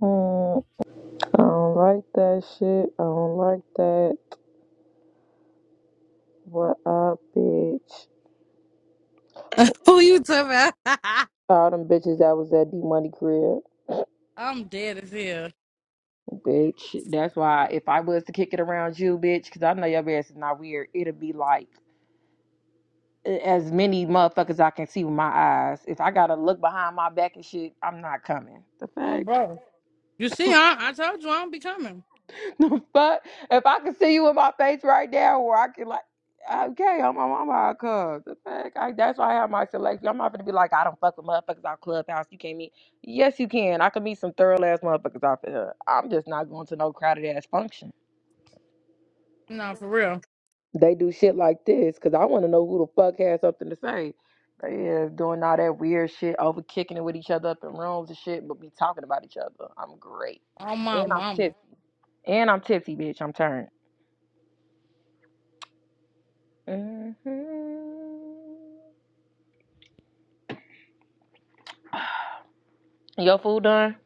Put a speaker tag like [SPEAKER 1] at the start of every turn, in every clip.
[SPEAKER 1] Mm, I don't like that shit. I don't like that. What up, bitch?
[SPEAKER 2] Who you talking about?
[SPEAKER 1] All them bitches that was at D Money crib,
[SPEAKER 2] I'm dead as hell.
[SPEAKER 1] bitch. That's why if I was to kick it around you, bitch, because I know your ass is not weird. It'll be like a- as many motherfuckers I can see with my eyes. If I gotta look behind my back and shit, I'm not coming. The
[SPEAKER 2] Um,
[SPEAKER 1] fuck?
[SPEAKER 2] bro. You see, I, I told you I don't be coming.
[SPEAKER 1] but if I could see you in my face right now, where I can like, okay, I'm I'm, I'm all cuz. The fuck? I, that's why I have my selection. I'm not gonna be like, I don't fuck with motherfuckers out clubhouse. You can't meet. Yes, you can. I can meet some thorough ass motherfuckers out there. I'm just not going to no crowded ass function.
[SPEAKER 2] No, for real.
[SPEAKER 1] They do shit like this because I want to know who the fuck has something to say. They is doing all that weird shit, over kicking it with each other up in rooms and shit, but be talking about each other. I'm great,
[SPEAKER 2] On my
[SPEAKER 1] and I'm
[SPEAKER 2] mama.
[SPEAKER 1] tipsy, and I'm tipsy, bitch. I'm turned. hmm Your food done?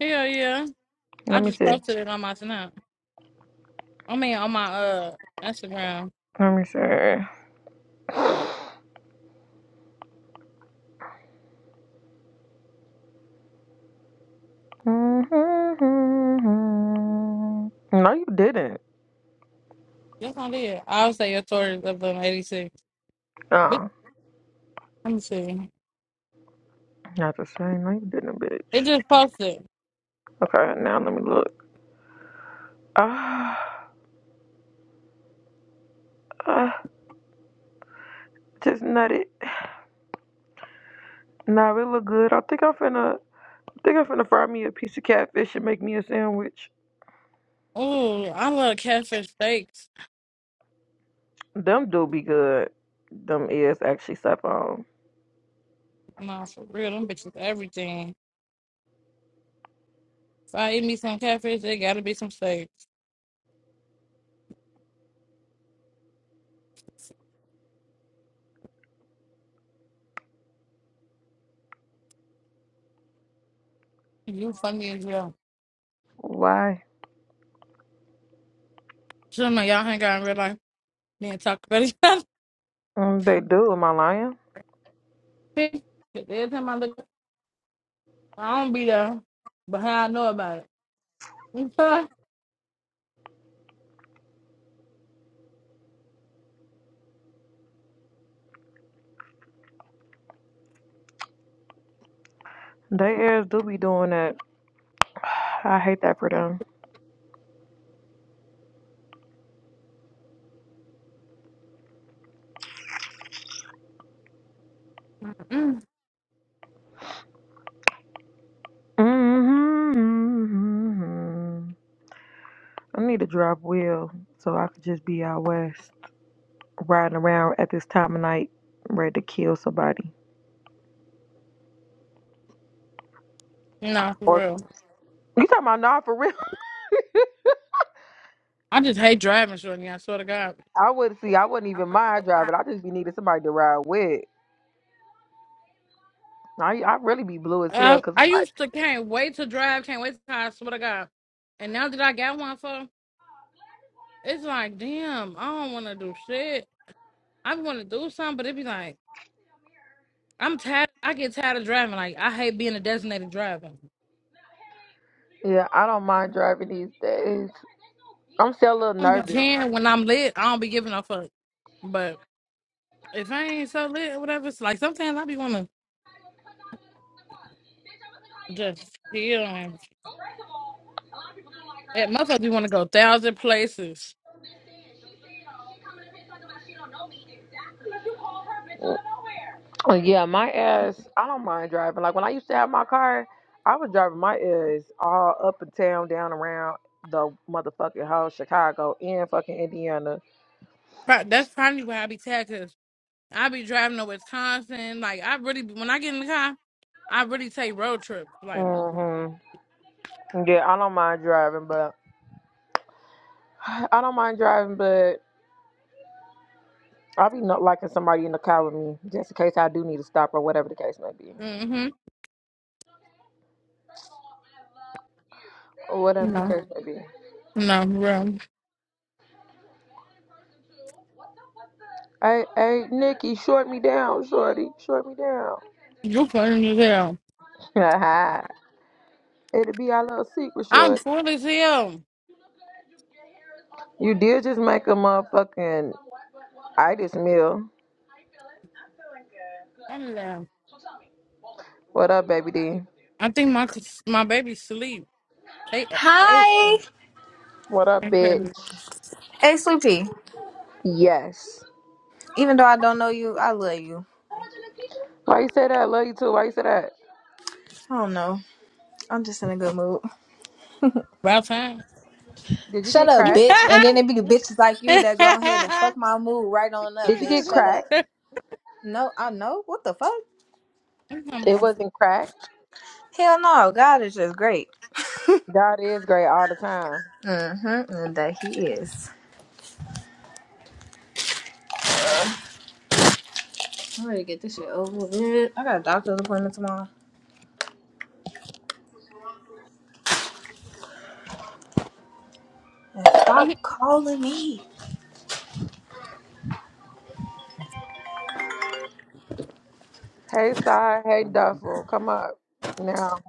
[SPEAKER 2] Hell yeah. I
[SPEAKER 1] Let me
[SPEAKER 2] just
[SPEAKER 1] see.
[SPEAKER 2] posted it on my snap. I mean, on my uh Instagram.
[SPEAKER 1] Let me see. Mm-hmm. No, you didn't.
[SPEAKER 2] Yes, I did. I'll say your stories of them 86. Bitch,
[SPEAKER 1] Oh,
[SPEAKER 2] Let me see.
[SPEAKER 1] not the same. No, you didn't,
[SPEAKER 2] It
[SPEAKER 1] bitch.
[SPEAKER 2] just posted.
[SPEAKER 1] Okay, now let me look. Ah, ah, just nut it. Nah, it look good. I think I'm finna. I think I'm finna fry me a piece of catfish and make me a sandwich.
[SPEAKER 2] Ooh, I love catfish steaks.
[SPEAKER 1] Them do be good. Them is actually step on.
[SPEAKER 2] Nah, for real. Them bitches everything. If I eat me some catfish, it gotta be some steaks. You funny as well.
[SPEAKER 1] Why?
[SPEAKER 2] Some of y'all hang out in real life. Man, talk about each other.
[SPEAKER 1] Mm, They do. Am I lying?
[SPEAKER 2] 'Cause Every time I look, I don't be there, but how I know about it? You sure?
[SPEAKER 1] They ass do be doing that. I hate that for them.
[SPEAKER 2] Mm.
[SPEAKER 1] hmm I need to drop wheel so I could just be out west riding around at this time of night, ready to kill somebody.
[SPEAKER 2] No, for
[SPEAKER 1] Or
[SPEAKER 2] real.
[SPEAKER 1] you talking about nah for real?
[SPEAKER 2] I just hate driving, shorty. I swear to God.
[SPEAKER 1] I would see. I wouldn't even mind driving. I just be needing somebody to ride with. I I really be blue as hell
[SPEAKER 2] I,
[SPEAKER 1] because
[SPEAKER 2] I used to can't wait to drive, can't wait to drive, I swear to God. And now that I got one for, it's like, damn, I don't want to do shit. I want to do something, but it be like, I'm tired. I get tired of driving. Like, I hate being a designated driver.
[SPEAKER 1] yeah, I don't mind driving these days. I'm still a little
[SPEAKER 2] I don't be
[SPEAKER 1] nervous.
[SPEAKER 2] caring when I'm lit. I don't be giving a fuck. But If I ain't so lit or whatever, it's like sometimes I be wanna just chill and that motherfucker be wanna go a thousand places.
[SPEAKER 1] Oh, Yeah, my ass, I don't mind driving. Like when I used to have my car, I was driving my ass all up and town, down around the motherfucking whole Chicago and fucking Indiana.
[SPEAKER 2] Pro- That's probably why I be tagged. Cause I be driving to Wisconsin. Like I really be, when I get in the car, I really take road trips. Like,
[SPEAKER 1] hmm Yeah, I don't mind driving, but I don't mind driving, but I'll be not liking somebody in the car with me just in case I do need to stop or whatever the case may be.
[SPEAKER 2] mm-hmm.
[SPEAKER 1] Or whatever the
[SPEAKER 2] No.
[SPEAKER 1] case may be.
[SPEAKER 2] No, bro.
[SPEAKER 1] Hey, hey, Nikki, short me down, shorty. Short me down.
[SPEAKER 2] You funny as hell.
[SPEAKER 1] It'll be our little secret,
[SPEAKER 2] I'm
[SPEAKER 1] short.
[SPEAKER 2] full as hell.
[SPEAKER 1] You did just make a motherfucking I just meal.
[SPEAKER 2] I'm down.
[SPEAKER 1] What up, baby D?
[SPEAKER 2] I think my my baby sleep. They they
[SPEAKER 3] Hi.
[SPEAKER 1] What up, bitch?
[SPEAKER 2] incredible.
[SPEAKER 3] Hey, Sleepy.
[SPEAKER 1] Yes.
[SPEAKER 3] Even though I don't know you, I love you.
[SPEAKER 1] Why you say that? I Love you too. Why you say that?
[SPEAKER 3] I don't know. I'm just in a good mood.
[SPEAKER 2] About time.
[SPEAKER 1] Did you
[SPEAKER 3] Shut
[SPEAKER 1] get
[SPEAKER 3] up,
[SPEAKER 1] cracked?
[SPEAKER 3] bitch. And then it be the bitches like you that go ahead and fuck my mood right on up,
[SPEAKER 1] Did you get
[SPEAKER 3] bitch. Shut up.
[SPEAKER 1] cracked?
[SPEAKER 3] No, I know. What the fuck?
[SPEAKER 2] It's
[SPEAKER 1] It
[SPEAKER 2] almost-
[SPEAKER 1] wasn't cracked.
[SPEAKER 3] Hell no. God is just great.
[SPEAKER 1] God is great all the time.
[SPEAKER 3] Mm-hmm. And that he is. I'm ready to get this shit over with. I got a doctor's appointment tomorrow. And stop calling me.
[SPEAKER 1] Hey, side. Hey, duffel. Come up now.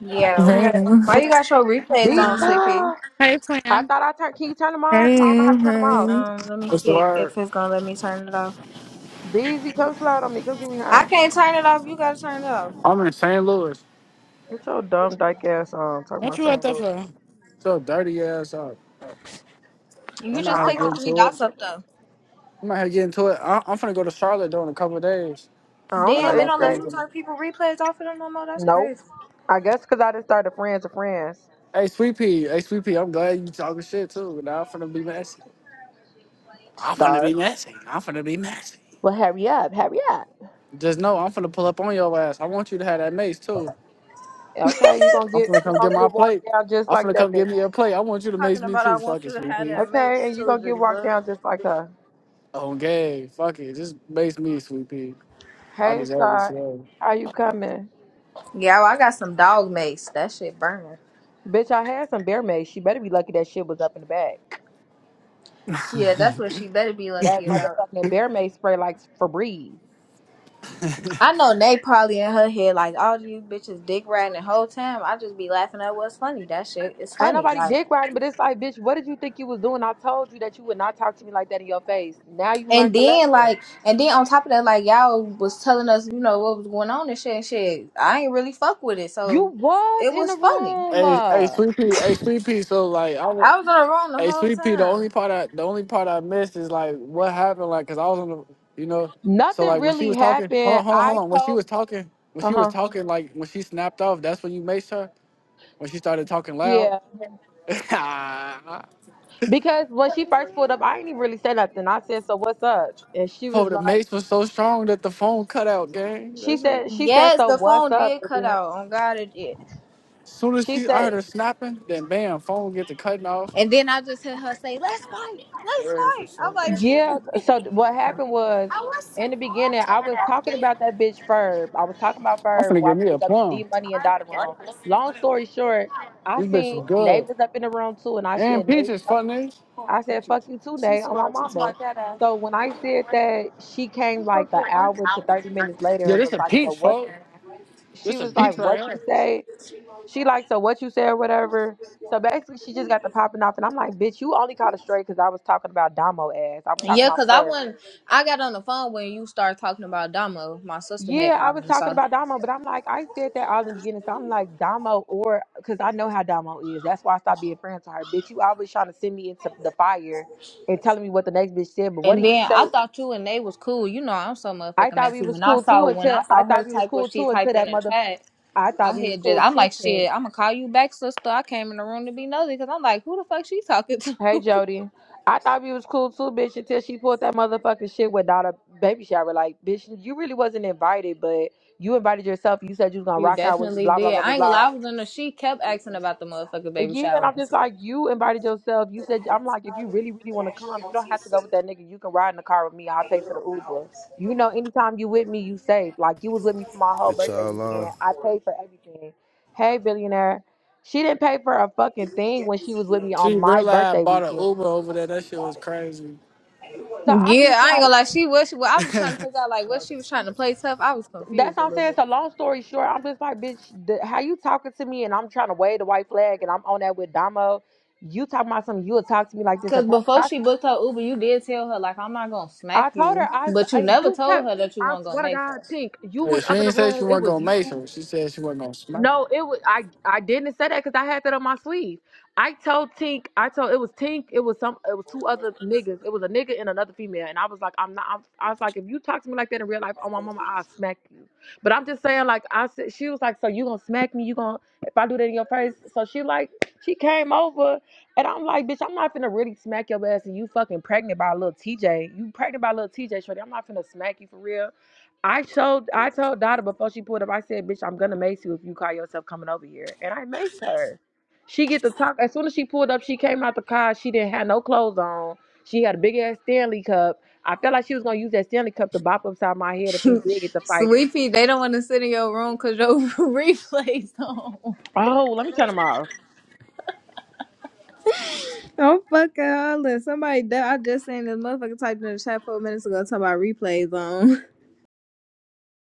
[SPEAKER 3] Yeah.
[SPEAKER 4] Hey,
[SPEAKER 1] Hey,
[SPEAKER 3] Why you got your replays
[SPEAKER 1] be.
[SPEAKER 3] on,
[SPEAKER 2] Um,
[SPEAKER 3] Sleepy?
[SPEAKER 1] I
[SPEAKER 2] Hey, Twin.
[SPEAKER 1] thought I turned. Can you turn them off? I don't know how
[SPEAKER 4] hey,
[SPEAKER 1] to turn them off.
[SPEAKER 4] hey.
[SPEAKER 3] Um, let me
[SPEAKER 5] What's the
[SPEAKER 3] see
[SPEAKER 5] word?
[SPEAKER 3] if it's gonna let me turn it off.
[SPEAKER 1] Beezy, come slide on me. Come give me
[SPEAKER 3] I
[SPEAKER 1] high.
[SPEAKER 3] can't turn it off. You gotta turn it off.
[SPEAKER 5] I'm in St. Louis.
[SPEAKER 1] Get your dumb dyke ass on. Talking
[SPEAKER 2] What
[SPEAKER 1] about
[SPEAKER 2] you up
[SPEAKER 1] St.
[SPEAKER 2] that
[SPEAKER 1] Louis.
[SPEAKER 2] for?
[SPEAKER 5] So dirty ass up.
[SPEAKER 3] You
[SPEAKER 5] I'm
[SPEAKER 3] just
[SPEAKER 5] out
[SPEAKER 1] I'm
[SPEAKER 5] here
[SPEAKER 3] click the
[SPEAKER 1] not.
[SPEAKER 5] getting
[SPEAKER 3] three
[SPEAKER 5] to
[SPEAKER 3] dots
[SPEAKER 5] it.
[SPEAKER 3] up though.
[SPEAKER 5] I'm out here getting to it. I- I'm finna go to Charlotte though in a couple of days.
[SPEAKER 1] I don't
[SPEAKER 5] I
[SPEAKER 1] know.
[SPEAKER 5] just
[SPEAKER 3] Damn, it
[SPEAKER 1] It's
[SPEAKER 5] locked
[SPEAKER 3] don't
[SPEAKER 5] it
[SPEAKER 3] let
[SPEAKER 1] like
[SPEAKER 5] in
[SPEAKER 3] you
[SPEAKER 5] for me.
[SPEAKER 3] turn people replays off of them no more. That's
[SPEAKER 1] nope.
[SPEAKER 3] crazy.
[SPEAKER 1] I guess because I just started friends to friends.
[SPEAKER 5] Hey, Sweet Pea. Hey, Sweet Pea, I'm glad you talking shit too. Now I'm finna be messy. I'm finna be
[SPEAKER 1] Start.
[SPEAKER 5] messy. I'm finna be messy.
[SPEAKER 1] Well, hurry up, hurry up.
[SPEAKER 5] Just know I'm finna pull up on your ass. I want you to have that mace too.
[SPEAKER 1] Okay, you're gonna
[SPEAKER 5] I'm
[SPEAKER 1] get
[SPEAKER 5] finna
[SPEAKER 1] you're
[SPEAKER 5] come
[SPEAKER 1] gonna
[SPEAKER 5] get my
[SPEAKER 1] get walked
[SPEAKER 5] plate.
[SPEAKER 1] down just
[SPEAKER 5] I'm
[SPEAKER 1] like
[SPEAKER 5] finna
[SPEAKER 1] that
[SPEAKER 5] come
[SPEAKER 1] bitch.
[SPEAKER 5] get me a plate. I want you to mace
[SPEAKER 3] Talking
[SPEAKER 5] me
[SPEAKER 3] about I
[SPEAKER 5] too. Fuck
[SPEAKER 3] want
[SPEAKER 5] it,
[SPEAKER 3] you to
[SPEAKER 5] Sweet
[SPEAKER 3] have
[SPEAKER 5] Pea.
[SPEAKER 3] that mace
[SPEAKER 1] Okay, and you're
[SPEAKER 3] too,
[SPEAKER 1] gonna get
[SPEAKER 3] G,
[SPEAKER 1] walked
[SPEAKER 3] but
[SPEAKER 1] down just like her.
[SPEAKER 5] Oh, gay. Fuck it. Just mace me, Sweet Pea. I
[SPEAKER 1] Hey,
[SPEAKER 5] deserve it
[SPEAKER 1] sorry.
[SPEAKER 5] today.
[SPEAKER 1] How you coming?
[SPEAKER 3] yeah, well, I got some dog mace. That shit burning.
[SPEAKER 1] Bitch, I had some bear mace. She better be lucky that shit was up in the bag.
[SPEAKER 3] Yeah, that's what she better be
[SPEAKER 1] That
[SPEAKER 3] lucky about.
[SPEAKER 1] motherfucking bear mace spray like Febreze.
[SPEAKER 3] I know Nay probably in her head like all these bitches dick riding the whole time. I just be laughing at what's funny. That shit is
[SPEAKER 1] Ain't
[SPEAKER 3] funny.
[SPEAKER 1] nobody
[SPEAKER 3] Like.
[SPEAKER 1] dick riding, but it's like, bitch, what did you think you was doing? I told you that you would not talk to me like that in your face. Now you learned
[SPEAKER 3] And
[SPEAKER 1] the
[SPEAKER 3] then
[SPEAKER 1] lesson.
[SPEAKER 3] like, and then on top of that, like y'all was telling us, you know, what was going on and shit and shit. I ain't really fuck with it,
[SPEAKER 1] You
[SPEAKER 3] so
[SPEAKER 1] was
[SPEAKER 3] it
[SPEAKER 1] in
[SPEAKER 3] was
[SPEAKER 1] the
[SPEAKER 3] funny.
[SPEAKER 1] room.
[SPEAKER 5] Hey, hey,
[SPEAKER 1] Uh,
[SPEAKER 5] sweet pea, hey, sweet pea. So like, I was,
[SPEAKER 3] I was on the wrong the
[SPEAKER 5] hey,
[SPEAKER 3] whole
[SPEAKER 5] sweet pea. The only
[SPEAKER 3] time.
[SPEAKER 5] part I, the only part I missed is like what happened. Like, cause I was on the, you know, so
[SPEAKER 1] nothing
[SPEAKER 5] like when she
[SPEAKER 1] really
[SPEAKER 5] was talking, hold
[SPEAKER 1] happened.
[SPEAKER 5] on, hold on, hold
[SPEAKER 1] I
[SPEAKER 5] on. When she
[SPEAKER 1] told,
[SPEAKER 5] was talking, when
[SPEAKER 1] uh
[SPEAKER 5] she was
[SPEAKER 1] huh.
[SPEAKER 5] talking, like when she snapped off, that's when you maced her. When she started talking
[SPEAKER 1] Yeah.
[SPEAKER 5] loud, oh,
[SPEAKER 1] Because when she first pulled up, I ain't even really say nothing. I said, "So what's up?" And she was
[SPEAKER 5] the
[SPEAKER 1] like,
[SPEAKER 5] mace was so strong that the phone cut out, gang.
[SPEAKER 1] "She
[SPEAKER 5] That shit. was-
[SPEAKER 1] said, she said,
[SPEAKER 3] Yes,
[SPEAKER 1] so
[SPEAKER 3] the
[SPEAKER 1] what's
[SPEAKER 3] phone
[SPEAKER 1] up?"
[SPEAKER 3] did
[SPEAKER 1] And
[SPEAKER 3] cut
[SPEAKER 1] then
[SPEAKER 3] out. On God, it did.
[SPEAKER 5] Soon as
[SPEAKER 1] she
[SPEAKER 5] she, I heard
[SPEAKER 1] said,
[SPEAKER 5] her snapping, then bam, phone get to cutting off.
[SPEAKER 3] And then I just heard her say, "Let's fight, let's
[SPEAKER 5] Errors or
[SPEAKER 3] fight." I'm
[SPEAKER 5] something.
[SPEAKER 3] like,
[SPEAKER 5] I'm
[SPEAKER 1] "Yeah." So what happened was, in the beginning, I was talking about that bitch Ferb. I was talking about Ferb
[SPEAKER 5] finna get
[SPEAKER 1] while we
[SPEAKER 5] me a
[SPEAKER 1] was up in
[SPEAKER 5] plum.
[SPEAKER 1] D Money and Dotted Room. Long story short, I
[SPEAKER 5] This bitch is
[SPEAKER 1] seen
[SPEAKER 5] good.
[SPEAKER 1] Nate was up in the room too, and I
[SPEAKER 5] And
[SPEAKER 1] said, "Nate,
[SPEAKER 5] peaches,
[SPEAKER 1] fuck-"
[SPEAKER 5] fuck niggas.
[SPEAKER 1] I said, fuck you too, Nate, on my mama." So when I said that, she came like an hour to thirty minutes later
[SPEAKER 5] Yeah,
[SPEAKER 1] and
[SPEAKER 5] this
[SPEAKER 1] was
[SPEAKER 5] a
[SPEAKER 1] like, "So
[SPEAKER 5] peach,
[SPEAKER 1] what?"
[SPEAKER 5] folks.
[SPEAKER 1] She
[SPEAKER 5] This a
[SPEAKER 1] was like,
[SPEAKER 5] peach right
[SPEAKER 1] "What you
[SPEAKER 5] here.
[SPEAKER 1] say?" She like, so what you said, or whatever. So basically, she just got the popping off, and I'm like, bitch, you only caught a stray because I was talking about Damo ass. I was talking
[SPEAKER 3] yeah,
[SPEAKER 1] about
[SPEAKER 3] cause I
[SPEAKER 1] Ferg.
[SPEAKER 3] wasn't. I got on the phone when you started talking about Damo. My sister had
[SPEAKER 1] Yeah, I
[SPEAKER 3] called
[SPEAKER 1] was
[SPEAKER 3] me,
[SPEAKER 1] talking
[SPEAKER 3] so.
[SPEAKER 1] about Damo, but I'm like, I said that all in the beginning, so I'm like, Damo, or because I know how Damo is. That's why I stopped being friends with her. Bitch, you always trying to send me into the fire and telling me what the next bitch said, but what do
[SPEAKER 3] And
[SPEAKER 1] you
[SPEAKER 3] then I
[SPEAKER 1] say?
[SPEAKER 3] thought you and they was cool. You know, I'm so
[SPEAKER 1] I
[SPEAKER 3] motherfucking
[SPEAKER 1] thought we
[SPEAKER 3] messy.
[SPEAKER 1] was
[SPEAKER 3] When I
[SPEAKER 1] cool too
[SPEAKER 3] saw when
[SPEAKER 1] until
[SPEAKER 3] I
[SPEAKER 1] I
[SPEAKER 3] saw
[SPEAKER 1] thought
[SPEAKER 3] her
[SPEAKER 1] we was
[SPEAKER 3] type what
[SPEAKER 1] cool
[SPEAKER 3] she
[SPEAKER 1] too until
[SPEAKER 3] typed in
[SPEAKER 1] that
[SPEAKER 3] the
[SPEAKER 1] mother.
[SPEAKER 3] chat.
[SPEAKER 1] I
[SPEAKER 3] I
[SPEAKER 1] thought we was
[SPEAKER 3] had just,
[SPEAKER 1] cool
[SPEAKER 3] I'm
[SPEAKER 1] too,
[SPEAKER 3] like,
[SPEAKER 1] Ting.
[SPEAKER 3] shit, I'm gonna call you back, sister. I came in the room to be nosy because I'm like, who the fuck she talking to?
[SPEAKER 1] Hey Jody, I thought you was cool too, bitch, until she pulled that motherfucking shit without a baby shower. Like, bitch, you really wasn't invited, but you invited yourself. You said you was gonna
[SPEAKER 3] you
[SPEAKER 1] rock out with
[SPEAKER 3] definitely
[SPEAKER 1] blah blah
[SPEAKER 3] did.
[SPEAKER 1] blah blah
[SPEAKER 3] I ain't gonna
[SPEAKER 1] blah.
[SPEAKER 3] lie, I was in the, she kept asking about the motherfucking baby
[SPEAKER 1] Yeah, and
[SPEAKER 3] shower
[SPEAKER 1] I'm
[SPEAKER 3] and
[SPEAKER 1] just
[SPEAKER 3] shit.
[SPEAKER 1] like, you invited yourself. You said I'm like, if you really really want to come, you don't have to go with that nigga. You can ride in the car with me. I'll pay for the Uber. You know, anytime you with me, you safe. Like you was with me for my whole
[SPEAKER 6] It's
[SPEAKER 1] birthday
[SPEAKER 6] all uh,
[SPEAKER 1] weekend. I paid for everything. Hey billionaire, she didn't pay for a fucking thing when she was with me on
[SPEAKER 5] She
[SPEAKER 1] my
[SPEAKER 5] realized I
[SPEAKER 1] birthday
[SPEAKER 5] bought an
[SPEAKER 1] weekend.
[SPEAKER 5] Uber over there. That shit was crazy.
[SPEAKER 1] So I'm
[SPEAKER 3] Yeah,
[SPEAKER 1] just like.
[SPEAKER 3] I ain't gonna lie, she was, she, well, I was trying to figure
[SPEAKER 5] yeah,
[SPEAKER 3] out like what she was trying to play tough. I was
[SPEAKER 1] That's
[SPEAKER 3] confused a
[SPEAKER 1] what I'm
[SPEAKER 3] little
[SPEAKER 1] saying.
[SPEAKER 3] bit.
[SPEAKER 1] So long story short, I'm just like, bitch, the, how you talking to me and I'm trying to wave the white flag and I'm on that with Damo. You talking about something, you'll talk to me like this in
[SPEAKER 3] Cause
[SPEAKER 1] person.
[SPEAKER 3] before
[SPEAKER 1] I,
[SPEAKER 3] she booked her Uber, you did tell her like I'm not gonna
[SPEAKER 1] I
[SPEAKER 3] smack
[SPEAKER 1] told her,
[SPEAKER 3] you,
[SPEAKER 1] I, s-
[SPEAKER 3] but you
[SPEAKER 1] I-
[SPEAKER 3] never
[SPEAKER 1] you
[SPEAKER 3] told
[SPEAKER 1] kept,
[SPEAKER 3] her that you
[SPEAKER 1] I
[SPEAKER 3] weren't gonna
[SPEAKER 1] swear to
[SPEAKER 3] make
[SPEAKER 1] God,
[SPEAKER 3] her.
[SPEAKER 1] Tink, you was
[SPEAKER 5] she
[SPEAKER 1] up in the
[SPEAKER 5] ain't say she
[SPEAKER 1] room. It
[SPEAKER 5] wasn't
[SPEAKER 1] was
[SPEAKER 5] gonna
[SPEAKER 1] you.
[SPEAKER 5] make some. She said she wasn't gonna smoke.
[SPEAKER 1] No, it was I. I didn't say that because I had that on my sleeve. I told Tink. I told it was Tink. It was some. It was two other niggas. It was a nigga and another female. And I was like, I'm not. I'm, I was like, if you talk to me like that in real life, oh my mama, I'll smack you. But I'm just saying, like I said, she was like, so you gonna smack me? You gonna if I do that in your face? So she like, she came over, and I'm like, bitch, I'm not finna really smack your ass. And you fucking pregnant by a little TJ. You pregnant by a little TJ, shorty. I'm not finna smack you for real. I showed I told Dada before she pulled up, I said, bitch, I'm gonna mace you if you call yourself coming over here. And I maced her. She get to talk as soon as she pulled up, she came out the car, she didn't have no clothes on. She had a big ass Stanley cup. I felt like she was gonna use that Stanley cup to bop upside my head if we did get to fighting.
[SPEAKER 3] Sweetie, they don't want to sit in your room cause your replays on.
[SPEAKER 1] Oh, let me turn them off.
[SPEAKER 3] Don't fucking holler. Somebody, that I just seen this motherfucker typed in the chat four minutes ago talking about replays on.